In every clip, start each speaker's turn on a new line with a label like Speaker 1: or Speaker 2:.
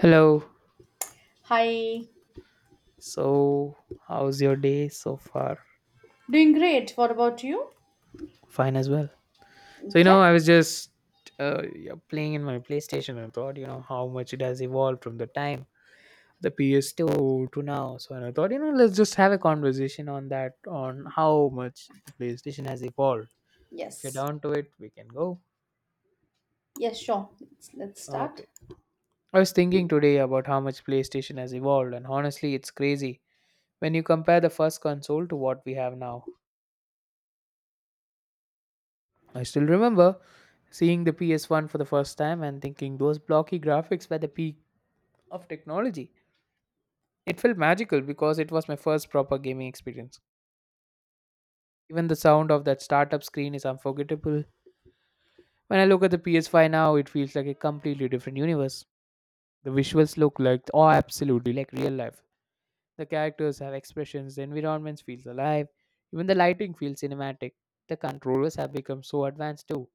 Speaker 1: Hello.
Speaker 2: Hi.
Speaker 1: So, how's your day so far?
Speaker 2: Doing great. What about you?
Speaker 1: Fine as well. So,
Speaker 2: Okay.
Speaker 1: I was just yeah, playing in my PlayStation and I thought, how much it has evolved from the time the PS2 to now. So, and I thought, let's just have a conversation on that, on how much the PlayStation has evolved. If you're
Speaker 2: Yes.
Speaker 1: down to it, we can go.
Speaker 2: Yes, sure. Let's start.
Speaker 1: Okay. I was thinking today about how much PlayStation has evolved, and honestly, it's crazy when you compare the first console to what we have now. I still remember seeing the PS1 for the first time and thinking those blocky graphics were the peak of technology. It felt magical because it was my first proper gaming experience. Even the sound of that startup screen is unforgettable. When I look at the PS5 now, it feels like a completely different universe. The visuals look like, oh, absolutely like real life. The characters have expressions, the environments feels alive, even the lighting feels cinematic. The controllers have become so advanced too.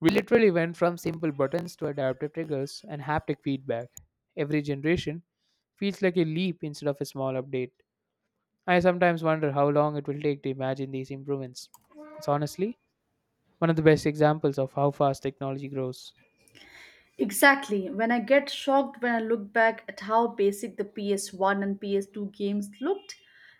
Speaker 1: We literally went from simple buttons to adaptive triggers and haptic feedback. Every generation feels like a leap instead of a small update. I sometimes wonder how long it will take to imagine these improvements. It's honestly one of the best examples of how fast technology grows.
Speaker 2: Exactly. When I get shocked when I look back at how basic the PS1 and PS2 games looked,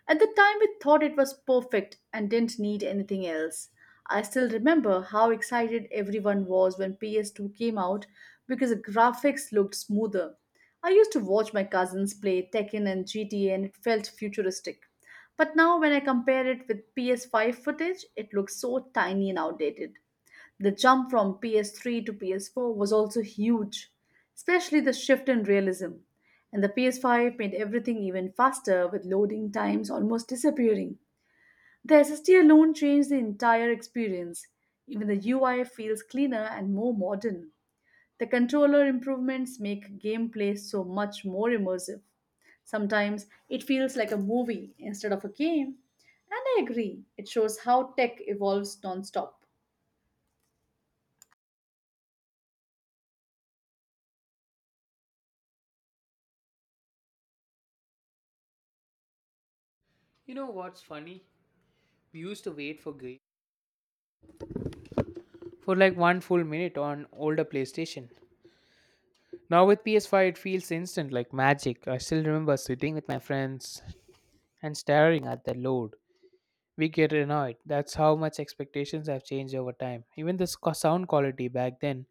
Speaker 2: at the time we thought it was perfect and didn't need anything else. I still remember how excited everyone was when PS2 came out because the graphics looked smoother. I used to watch my cousins play Tekken and GTA and it felt futuristic. But now when I compare it with PS5 footage, it looks so tiny and outdated. The jump from PS3 to PS4 was also huge, especially the shift in realism. And the PS5 made everything even faster with loading times almost disappearing. The SSD alone changed the entire experience. Even the UI feels cleaner and more modern. The controller improvements make gameplay so much more immersive. Sometimes it feels like a movie instead of a game. And I agree, it shows how tech evolves non stop.
Speaker 1: You know what's funny? We used to wait for games for like one full minute on older PlayStation. Now with PS5, it feels instant like magic. I still remember sitting with my friends and staring at the load. We get annoyed. That's how much expectations have changed over time. Even the sound quality back then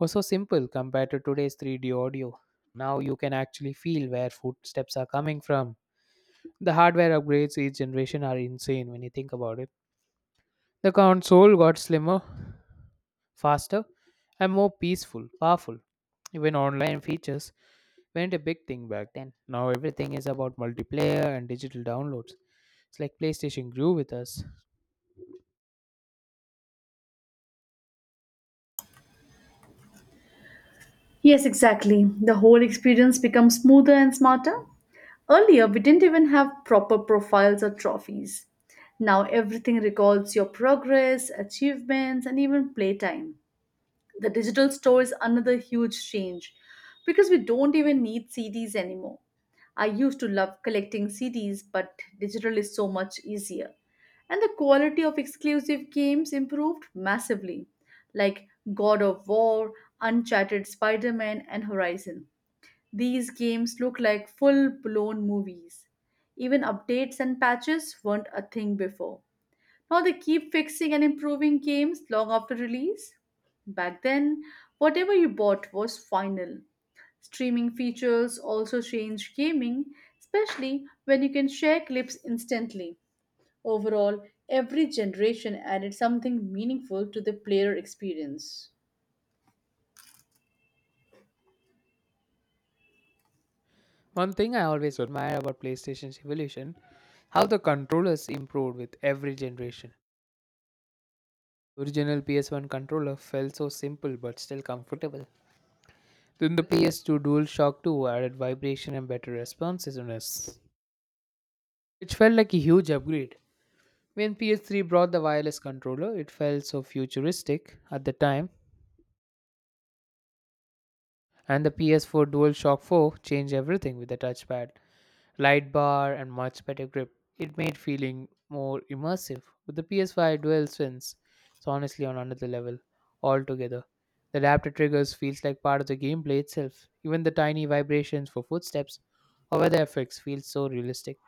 Speaker 1: was so simple compared to today's 3D audio. Now you can actually feel where footsteps are coming from. The hardware upgrades each generation are insane when you think about it. The console got slimmer, faster, and more peaceful, powerful. Even online features weren't a big thing back then. Now everything is about multiplayer and digital downloads. It's like PlayStation grew with us.
Speaker 2: Yes, exactly. The whole experience becomes smoother and smarter. Earlier, we didn't even have proper profiles or trophies. Now, everything records your progress, achievements, and even playtime. The digital store is another huge change because we don't even need CDs anymore. I used to love collecting CDs, but digital is so much easier. And the quality of exclusive games improved massively, like God of War, Uncharted Spider Man, and Horizon. These games look like full blown movies. Even updates and patches weren't a thing before. Now they keep fixing and improving games long after release. Back then, whatever you bought was final. Streaming features also change gaming, especially when you can share clips instantly. Overall, every generation added something meaningful to the player experience.
Speaker 1: One thing I always admire about PlayStation's evolution, how the controllers improved with every generation. Original PS1 controller felt so simple but still comfortable. Then the PS2 DualShock 2 added vibration and better responsiveness, which felt like a huge upgrade. When PS3 brought the wireless controller, it felt so futuristic at the time, and the PS4 DualShock 4 changed everything with the touchpad, light bar, and much better grip. It made feeling more immersive. With the PS5 DualSense, it's honestly on another level altogether. The adaptive triggers feels like part of the gameplay itself. Even the tiny vibrations for footsteps or weather effects feel so realistic.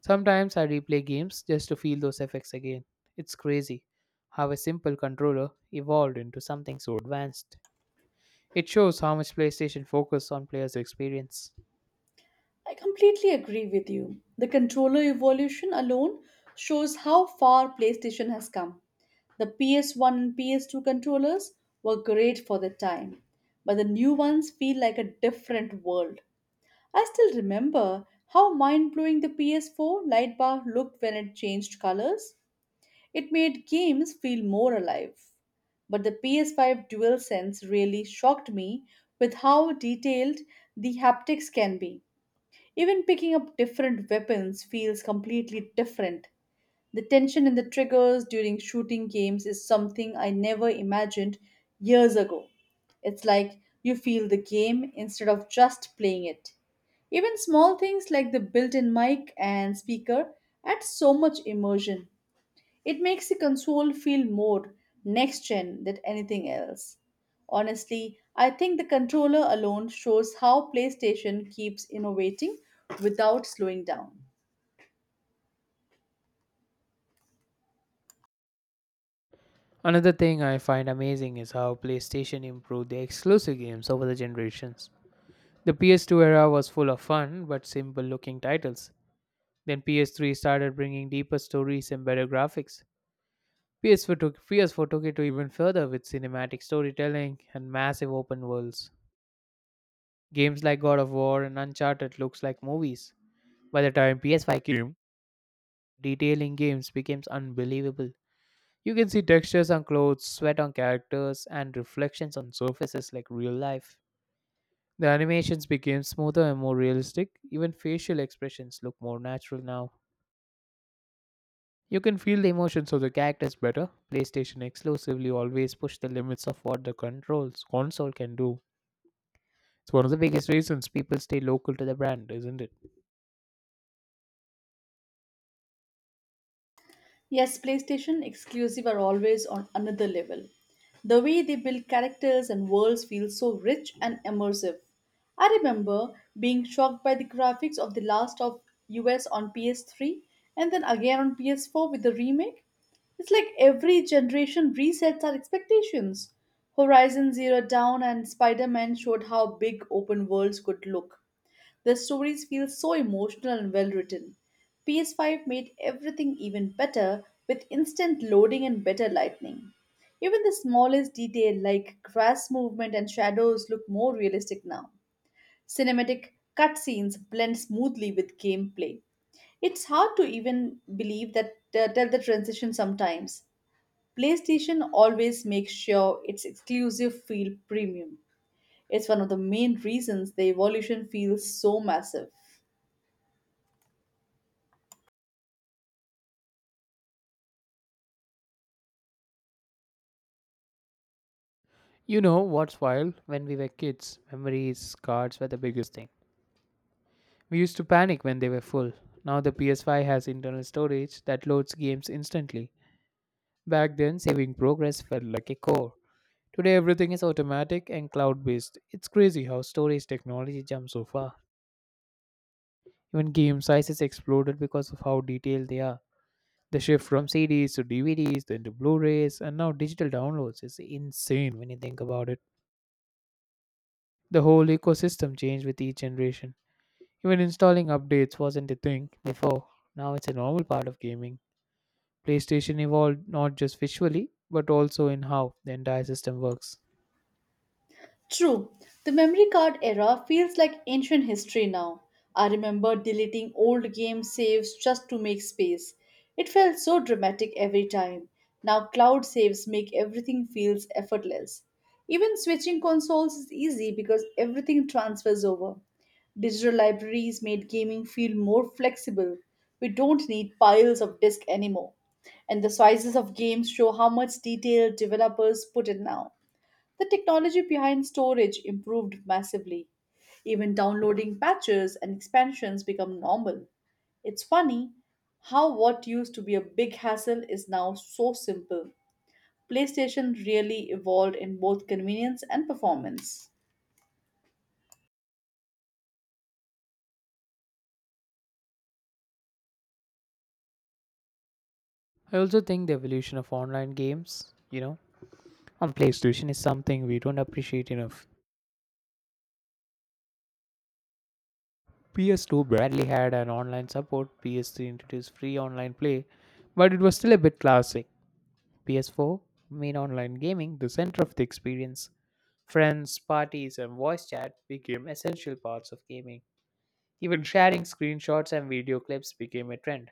Speaker 1: Sometimes I replay games just to feel those effects again. It's crazy how a simple controller evolved into something so advanced. It shows how much PlayStation focused on players' experience.
Speaker 2: I completely agree with you. The controller evolution alone shows how far PlayStation has come. The PS1 and PS2 controllers were great for their time, but the new ones feel like a different world. I still remember how mind blowing the PS4 light bar looked when it changed colors. It made games feel more alive. But the PS5 DualSense really shocked me with how detailed the haptics can be. Even picking up different weapons feels completely different. The tension in the triggers during shooting games is something I never imagined years ago. It's like you feel the game instead of just playing it. Even small things like the built in mic and speaker add so much immersion. It makes the console feel more next gen than anything else. Honestly, I think the controller alone shows how PlayStation keeps innovating without slowing down.
Speaker 1: Another thing I find amazing is how PlayStation improved their exclusive games over the generations. The PS2 era was full of fun but simple looking titles. Then PS3 started bringing deeper stories and better graphics. PS4 took it to even further with cinematic storytelling and massive open worlds. Games like God of War and Uncharted looks like movies. By the time PS5 came, detailing games becomes unbelievable. You can see textures on clothes, sweat on characters, and reflections on surfaces like real life. The animations became smoother and more realistic. Even facial expressions look more natural now. You can feel the emotions of the characters better. PlayStation exclusively always pushed the limits of what the controls console can do. It's one of the biggest reasons people stay local to the brand, isn't it?
Speaker 2: Yes, PlayStation exclusive are always on another level. The way they build characters and worlds feels so rich and immersive. I remember being shocked by the graphics of The Last of Us on PS3 and then again on PS4 with the remake. It's like every generation resets our expectations. Horizon Zero Dawn and Spider Man showed how big open worlds could look. The stories feel so emotional and well written. PS5 made everything even better with instant loading and better lighting. Even the smallest detail like grass movement and shadows look more realistic now. Cinematic cutscenes blend smoothly with gameplay. It's hard to even believe that tell the transition sometimes. PlayStation always makes sure its exclusive feel premium. It's one of the main reasons the evolution feels so massive.
Speaker 1: You know what's wild? When we were kids, memories, cards were the biggest thing. We used to panic when they were full. Now the PS5 has internal storage that loads games instantly. Back then, saving progress felt like a chore. Today, everything is automatic and cloud based. It's crazy how storage technology jumped so far. Even game sizes exploded because of how detailed they are. The shift from CDs to DVDs, then to Blu rays, and now digital downloads is insane when you think about it. The whole ecosystem changed with each generation. Even installing updates wasn't a thing before, now it's a normal part of gaming. PlayStation evolved not just visually, but also in how the entire system works.
Speaker 2: True, the memory card era feels like ancient history now. I remember deleting old game saves just to make space. It felt so dramatic every time. Now cloud saves make everything feels effortless. Even switching consoles is easy because everything transfers over. Digital libraries made gaming feel more flexible. We don't need piles of disks anymore. And the sizes of games show how much detail developers put in now. The technology behind storage improved massively. Even downloading patches and expansions become normal. It's funny how what used to be a big hassle is now so simple. PlayStation really evolved in both convenience and performance.
Speaker 1: I also think the evolution of online games, on PlayStation is something we don't appreciate enough. PS2 barely had an online support, PS3 introduced free online play, but it was still a bit classic. PS4 made online gaming the center of the experience. Friends, parties, and voice chat became essential parts of gaming. Even sharing screenshots and video clips became a trend.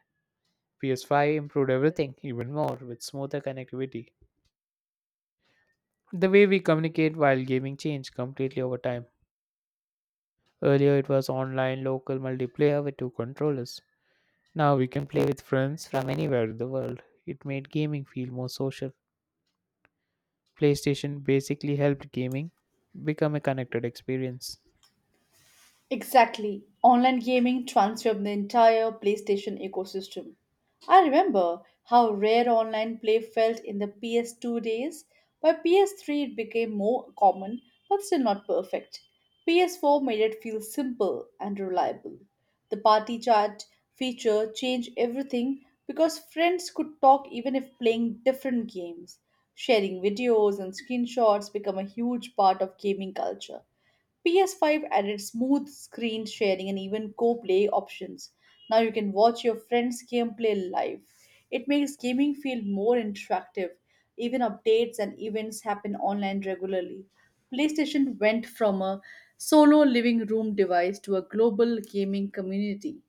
Speaker 1: PS5 improved everything even more with smoother connectivity. The way we communicate while gaming changed completely over time. Earlier, it was online local multiplayer with two controllers. Now we can play with friends from anywhere in the world. It made gaming feel more social. PlayStation basically helped gaming become a connected experience.
Speaker 2: Exactly. Online gaming transformed the entire PlayStation ecosystem. I remember how rare online play felt in the PS2 days. By PS3, it became more common but still not perfect. PS4 made it feel simple and reliable. The party chat feature changed everything because friends could talk even if playing different games. Sharing videos and screenshots become a huge part of gaming culture. PS5 added smooth screen sharing and even co play options. Now you can watch your friends' gameplay live. It makes gaming feel more interactive. Even updates and events happen online regularly. PlayStation went from a solo living room device to a global gaming community.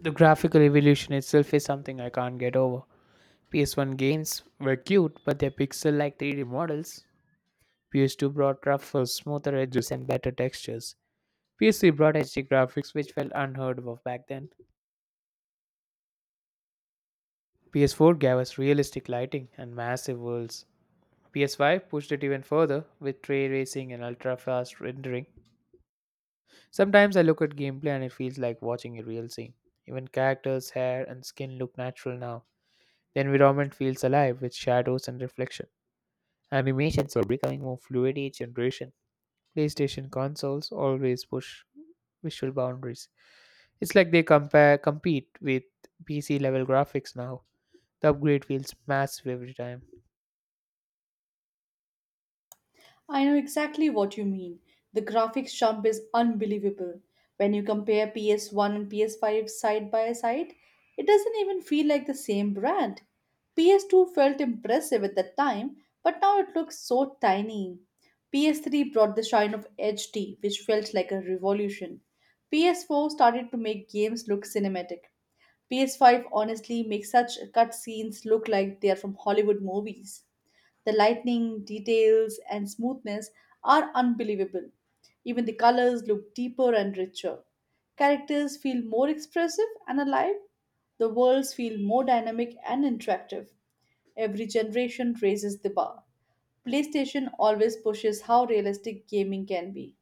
Speaker 1: The graphical evolution itself is something I can't get over. PS1 games were cute, but their pixel like 3D models. PS2 brought rougher, smoother edges and better textures. PS3 brought HD graphics which felt unheard of back then. PS4 gave us realistic lighting and massive worlds. PS5 pushed it even further with ray tracing and ultra fast rendering. Sometimes I look at gameplay and it feels like watching a real scene. Even characters' hair and skin look natural now. The environment feels alive with shadows and reflection. Animations are becoming more fluid each generation. PlayStation consoles always push visual boundaries. It's like they compare compete with PC level graphics now. The upgrade feels massive every time.
Speaker 2: I know exactly what you mean. The graphics jump is unbelievable. When you compare PS1 and PS5 side by side, it doesn't even feel like the same brand. PS2 felt impressive at that time, but now it looks so tiny. PS3 brought the shine of HD, which felt like a revolution. PS4 started to make games look cinematic. PS5 honestly makes such cutscenes look like they are from Hollywood movies. The lightning, details, and smoothness are unbelievable. Even the colors look deeper and richer. Characters feel more expressive and alive. The worlds feel more dynamic and interactive. Every generation raises the bar. PlayStation always pushes how realistic gaming can be.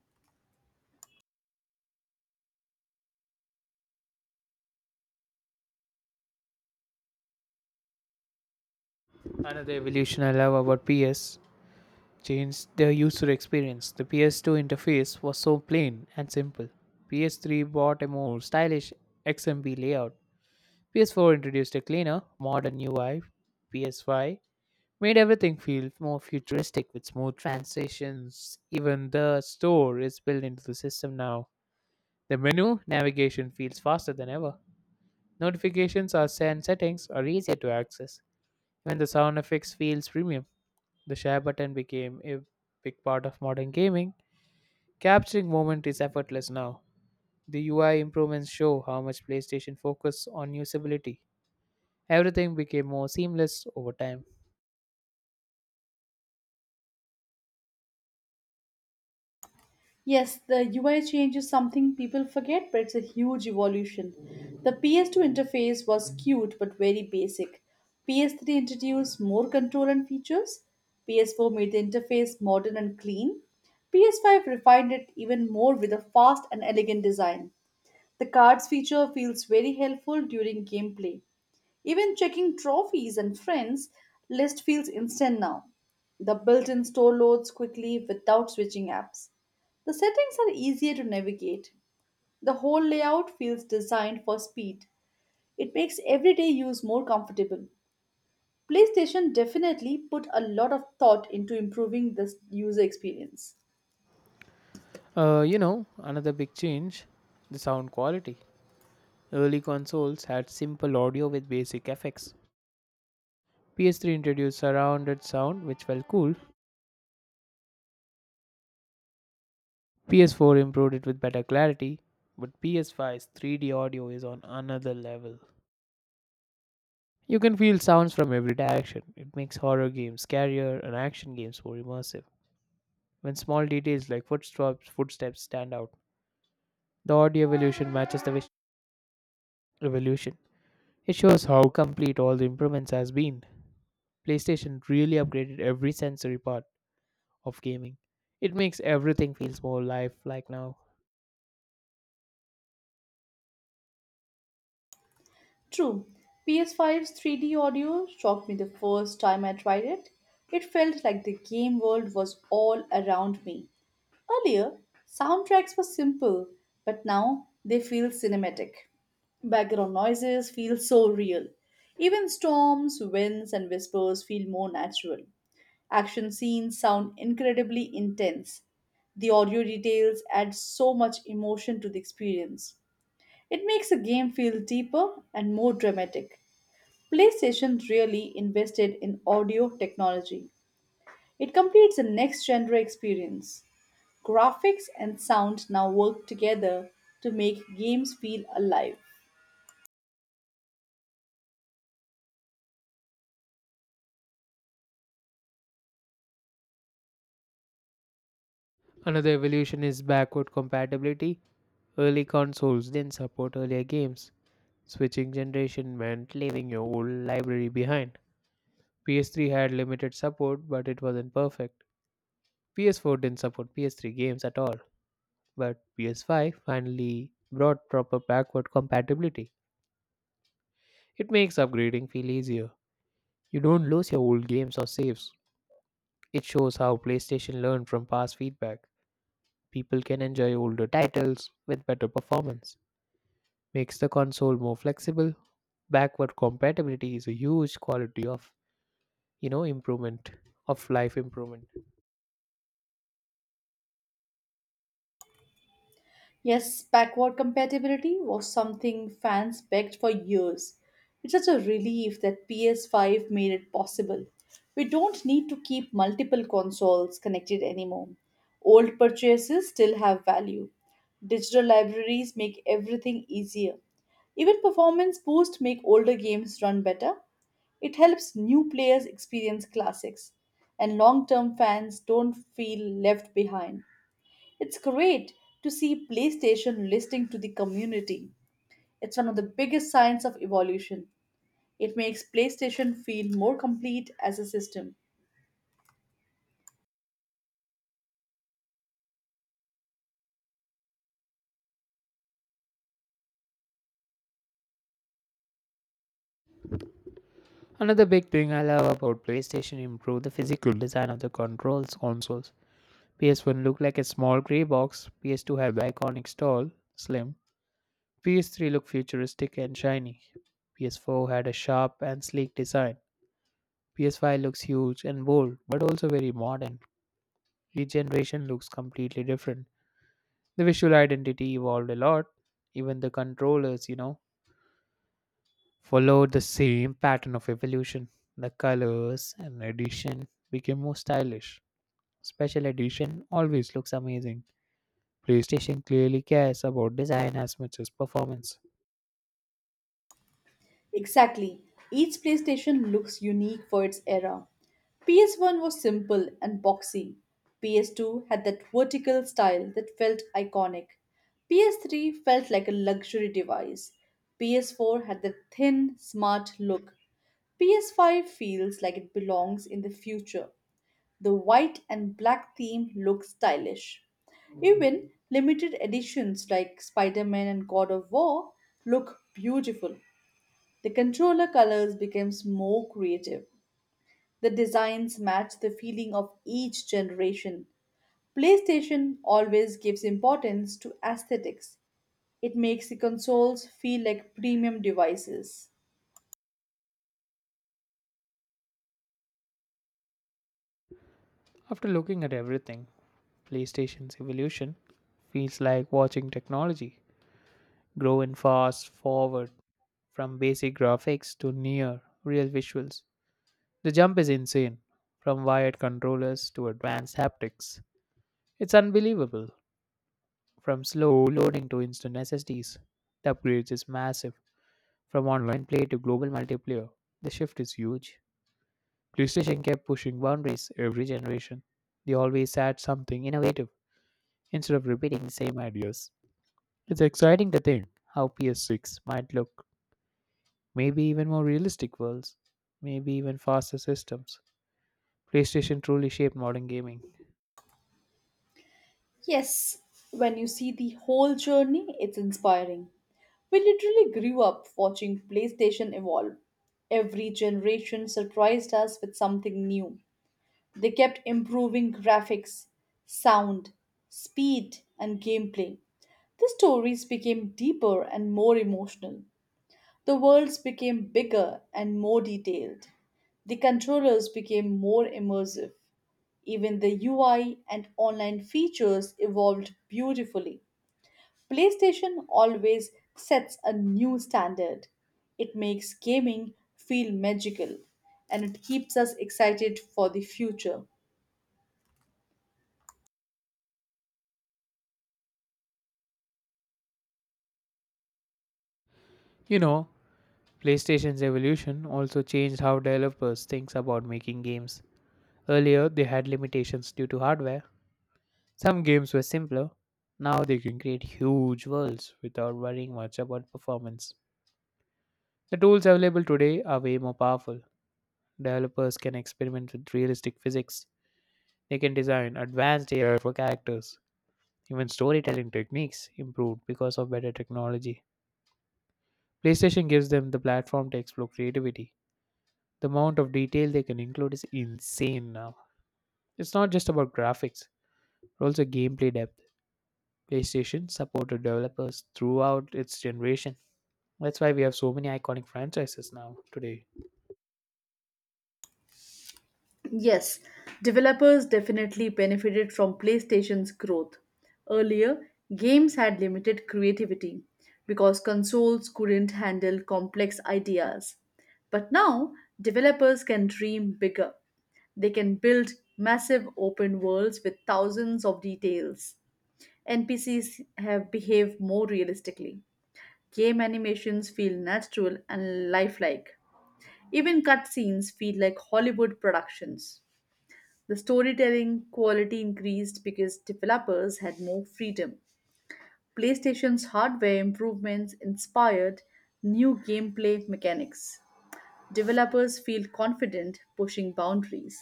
Speaker 1: Another evolution I love about PS changed the user experience. The PS2 interface was so plain and simple. PS3 brought a more stylish XMP layout. PS4 introduced a cleaner, modern UI. PS5 made everything feel more futuristic with smooth transitions. Even the store is built into the system now. The menu navigation feels faster than ever. Notifications are sent settings are easier to access. When the sound effects feels premium, the share button became a big part of modern gaming. Capturing moment is effortless now. The UI improvements show how much PlayStation focused on usability. Everything became more seamless over time.
Speaker 2: Yes, the UI change is something people forget, but it's a huge evolution. The PS2 interface was cute but very basic. PS3 introduced more control and features. PS4 made the interface modern and clean. PS5 refined it even more with a fast and elegant design. The cards feature feels very helpful during gameplay. Even checking trophies and friends list feels instant now. The built-in store loads quickly without switching apps. The settings are easier to navigate. The whole layout feels designed for speed. It makes everyday use more comfortable. PlayStation definitely put a lot of thought into improving this user experience.
Speaker 1: Another big change, the sound quality. Early consoles had simple audio with basic effects. PS3 introduced surrounded sound, which felt cool. PS4 improved it with better clarity, but PS5's 3D audio is on another level. You can feel sounds from every direction. It makes horror games scarier and action games more immersive. When small details like footsteps stand out, the audio evolution matches the evolution. It shows how complete all the improvements has been. PlayStation really upgraded every sensory part of gaming. It makes everything feels more lifelike now.
Speaker 2: True, ps Five's 3D audio shocked me the first time I tried it. It felt like the game world was all around me. Earlier, soundtracks were simple, but now they feel cinematic. Background noises feel so real. Even storms, winds, and whispers feel more natural. Action scenes sound incredibly intense. The audio details add so much emotion to the experience. It makes a game feel deeper and more dramatic. PlayStation really invested in audio technology. It completes the next genre experience. Graphics and sound now work together to make games feel alive.
Speaker 1: Another evolution is backward compatibility. Early consoles didn't support earlier games. Switching generation meant leaving your old library behind. PS3 had limited support, but it wasn't perfect. PS4 didn't support PS3 games at all, but PS5 finally brought proper backward compatibility. It makes upgrading feel easier. You don't lose your old games or saves. It shows how PlayStation learned from past feedback. People can enjoy older titles with better performance. Makes the console more flexible. Backward compatibility is a huge quality of, improvement of life improvement.
Speaker 2: Yes, backward compatibility was something fans begged for years. It's such a relief that PS5 made it possible. We don't need to keep multiple consoles connected anymore. Old purchases still have value. Digital libraries make everything easier. Even performance boosts make older games run better. It helps new players experience classics, and long term fans don't feel left behind. It's great to see PlayStation listening to the community. It's one of the biggest signs of evolution. It makes PlayStation feel more complete as a system.
Speaker 1: Another big thing I love about PlayStation improved the physical design of the controls consoles. PS1 looked like a small grey box, PS2 had the iconic tall, slim, PS3 looked futuristic and shiny, PS4 had a sharp and sleek design, PS5 looks huge and bold but also very modern. Each generation looks completely different. The visual identity evolved a lot, even the controllers, followed the same pattern of evolution. The colors and addition became more stylish. Special edition always looks amazing. PlayStation clearly cares about design as much as performance.
Speaker 2: Exactly. Each PlayStation looks unique for its era. PS1 was simple and boxy. PS2 had that vertical style that felt iconic. PS3 felt like a luxury device. PS4 had that thin, smart look. PS5 feels like it belongs in the future. The white and black theme looks stylish. Even limited editions like Spider Man and God of War look beautiful. The controller colors became more creative. The designs match the feeling of each generation. PlayStation always gives importance to aesthetics. It makes the consoles feel like premium devices.
Speaker 1: After looking at everything, PlayStation's evolution feels like watching technology grow in fast forward, from basic graphics to near real visuals. The jump is insane from wired controllers to advanced haptics. It's unbelievable from slow loading to instant SSDs. The upgrades is massive from online play to global multiplayer. The shift is huge. PlayStation kept pushing boundaries every generation. They always had something innovative instead of repeating the same ideas. It's exciting to think how PS6 might look. Maybe even more realistic worlds, maybe even faster systems. PlayStation truly shaped modern gaming.
Speaker 2: Yes, when you see the whole journey, it's inspiring. We literally grew up watching PlayStation evolve. Every generation surprised us with something new. They kept improving graphics, sound, speed, and gameplay. The stories became deeper and more emotional. The worlds became bigger and more detailed. The controllers became more immersive. Even the UI and online features evolved beautifully. PlayStation always sets a new standard. It makes gaming feel magical and it keeps us excited for the future.
Speaker 1: You know, PlayStation's evolution also changed how developers think about making games. Earlier, they had limitations due to hardware. Some games were simpler. Now they can create huge worlds without worrying much about performance. The tools available today are way more powerful. Developers can experiment with realistic physics. They can design advanced AI for characters. Even storytelling techniques improved because of better technology. PlayStation gives them the platform to explore creativity. The amount of detail they can include is insane now. It's not just about graphics, but also gameplay depth. PlayStation supported developers throughout its generation. That's why we have so many iconic franchises now today.
Speaker 2: Yes, developers definitely benefited from PlayStation's growth. Earlier, games had limited creativity because consoles couldn't handle complex ideas. But now, developers can dream bigger. They can build massive open worlds with thousands of details. NPCs have behaved more realistically. Game animations feel natural and lifelike. Even cutscenes feel like Hollywood productions. The storytelling quality increased because developers had more freedom. PlayStation's hardware improvements inspired new gameplay mechanics. Developers feel confident pushing boundaries.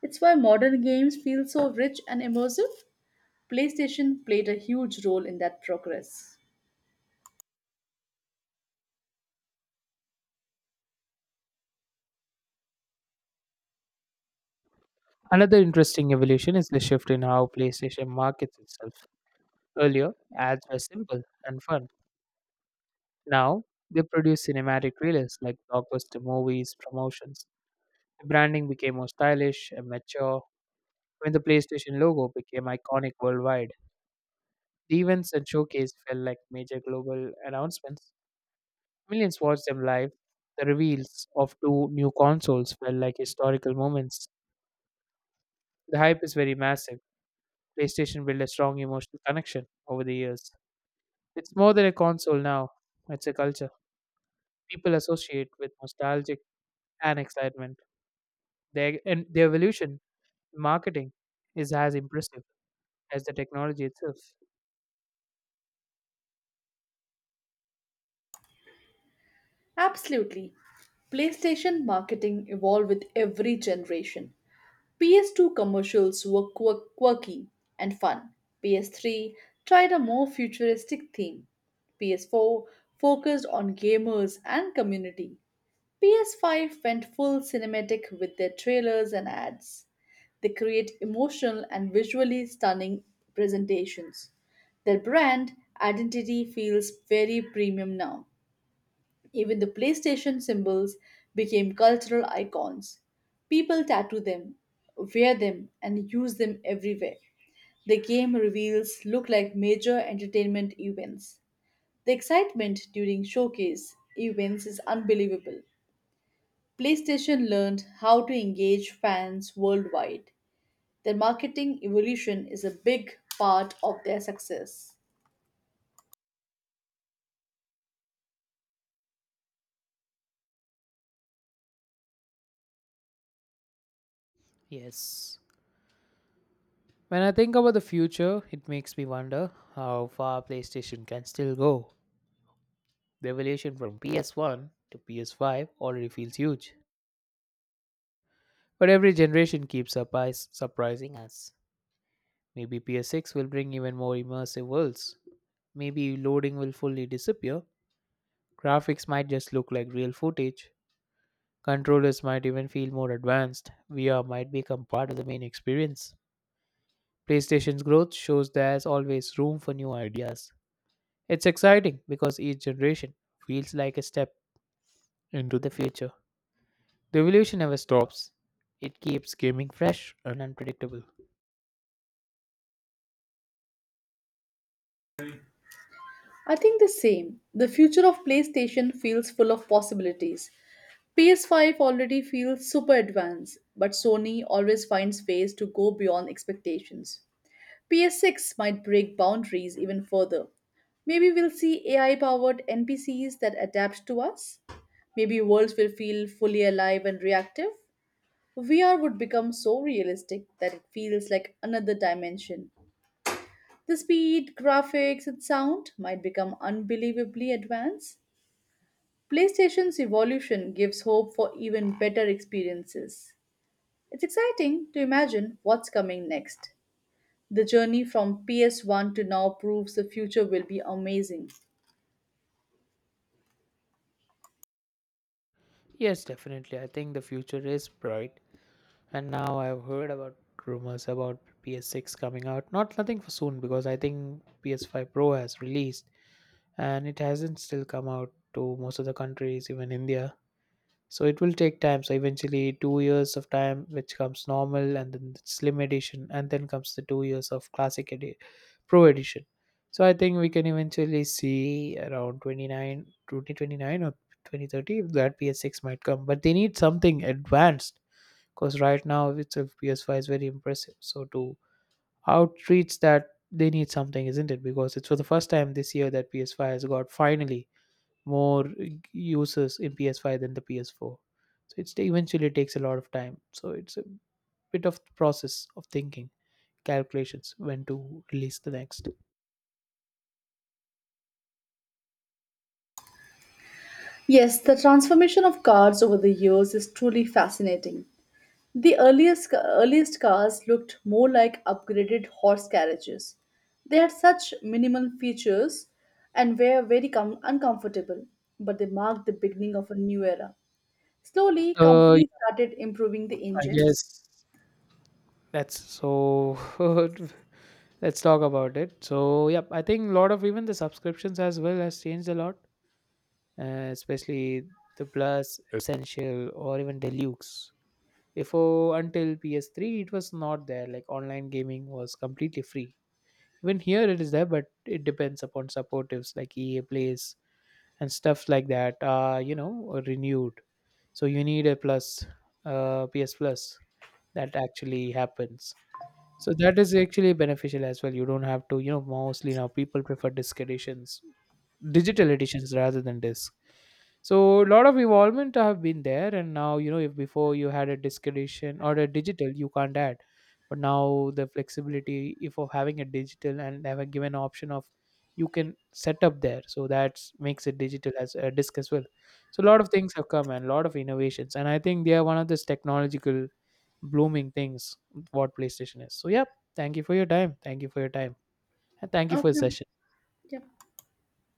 Speaker 2: It's why modern games feel so rich and immersive. PlayStation played a huge role in that progress.
Speaker 1: Another interesting evolution is the shift in how PlayStation markets itself. Earlier, ads were simple and fun. Now, they produce cinematic trailers like blockbuster movies, promotions. The branding became more stylish and mature when the PlayStation logo became iconic worldwide. The events and showcase felt like major global announcements. Millions watched them live. The reveals of two new consoles felt like historical moments. The hype is very massive. PlayStation built a strong emotional connection over the years. It's more than a console now. It's a culture people associate with nostalgic and excitement. The evolution in marketing is as impressive as the technology itself.
Speaker 2: Absolutely. PlayStation marketing evolved with every generation. PS2 commercials were quirky and fun. PS3 tried a more futuristic theme. PS4 focused on gamers and community. PS5 went full cinematic with their trailers and ads. They create emotional and visually stunning presentations. Their brand identity feels very premium now. Even the PlayStation symbols became cultural icons. People tattoo them, wear them, and use them everywhere. The game reveals look like major entertainment events. The excitement during showcase events is unbelievable. PlayStation learned how to engage fans worldwide. Their marketing evolution is a big part of their success.
Speaker 1: Yes. When I think about the future, it makes me wonder how far PlayStation can still go. The evolution from PS1 to PS5 already feels huge. But every generation keeps surprising us. Maybe PS6 will bring even more immersive worlds. Maybe loading will fully disappear. Graphics might just look like real footage. Controllers might even feel more advanced. VR might become part of the main experience. PlayStation's growth shows there's always room for new ideas. It's exciting because each generation feels like a step into the future. The evolution never stops. It keeps gaming fresh and unpredictable.
Speaker 2: I think the same. The future of PlayStation feels full of possibilities. PS5 already feels super advanced, but Sony always finds ways to go beyond expectations. PS6 might break boundaries even further. Maybe we'll see AI powered NPCs that adapt to us. Maybe worlds will feel fully alive and reactive. VR would become so realistic that it feels like another dimension. The speed, graphics, and sound might become unbelievably advanced. PlayStation's evolution gives hope for even better experiences. It's exciting to imagine what's coming next. The journey from PS1 to now proves the future will be amazing.
Speaker 1: Yes, definitely. I think the future is bright. And now I've heard about rumors about PS6 coming out. Not nothing for soon because I think PS5 Pro has released, and it hasn't still come out to most of the countries, even India. So it will take time. So eventually, 2 years of time, which comes normal, and then the slim edition, and then comes the 2 years of pro edition. So I think we can eventually see around 29, 2029 or 2030 if that PS6 might come. But they need something advanced because right now itself PS5 is very impressive. So to outreach that, they need something, isn't it? Because it's for the first time this year that PS5 has got finally more users in PS5 than the PS4. So it's eventually takes a lot of time. So it's a bit of process of thinking, calculations when to release the next.
Speaker 2: Yes, the transformation of cars over the years is truly fascinating. The earliest cars looked more like upgraded horse carriages. They had such minimal features and were uncomfortable, but they marked the beginning of a new era. Slowly, companies
Speaker 1: Yeah,
Speaker 2: started improving the
Speaker 1: I
Speaker 2: engines.
Speaker 1: guess that's so. Let's talk about it. So yeah, I think a lot of even the subscriptions as well has changed a lot, especially the Plus, Essential, or even Deluxe. Before until PS3, it was not there. Like online gaming was completely free, even here it is there, but it depends upon supportives like ea plays and stuff like that, renewed. So you need a plus, ps plus, that actually happens. So that is actually beneficial as well. You don't have to, mostly now people prefer disc editions, digital editions rather than disc. So a lot of evolvement have been there, and now if before you had a discretion or a digital, you can't add, but now the flexibility if of having a digital and have a given option of you can set up there, so that makes it digital as a disk as well. So a lot of things have come and a lot of innovations, and I think they are one of those technological blooming things what PlayStation is. So yeah, thank you for your time, thank you for your time, and thank you for the
Speaker 2: Okay.
Speaker 1: session.
Speaker 2: Yep.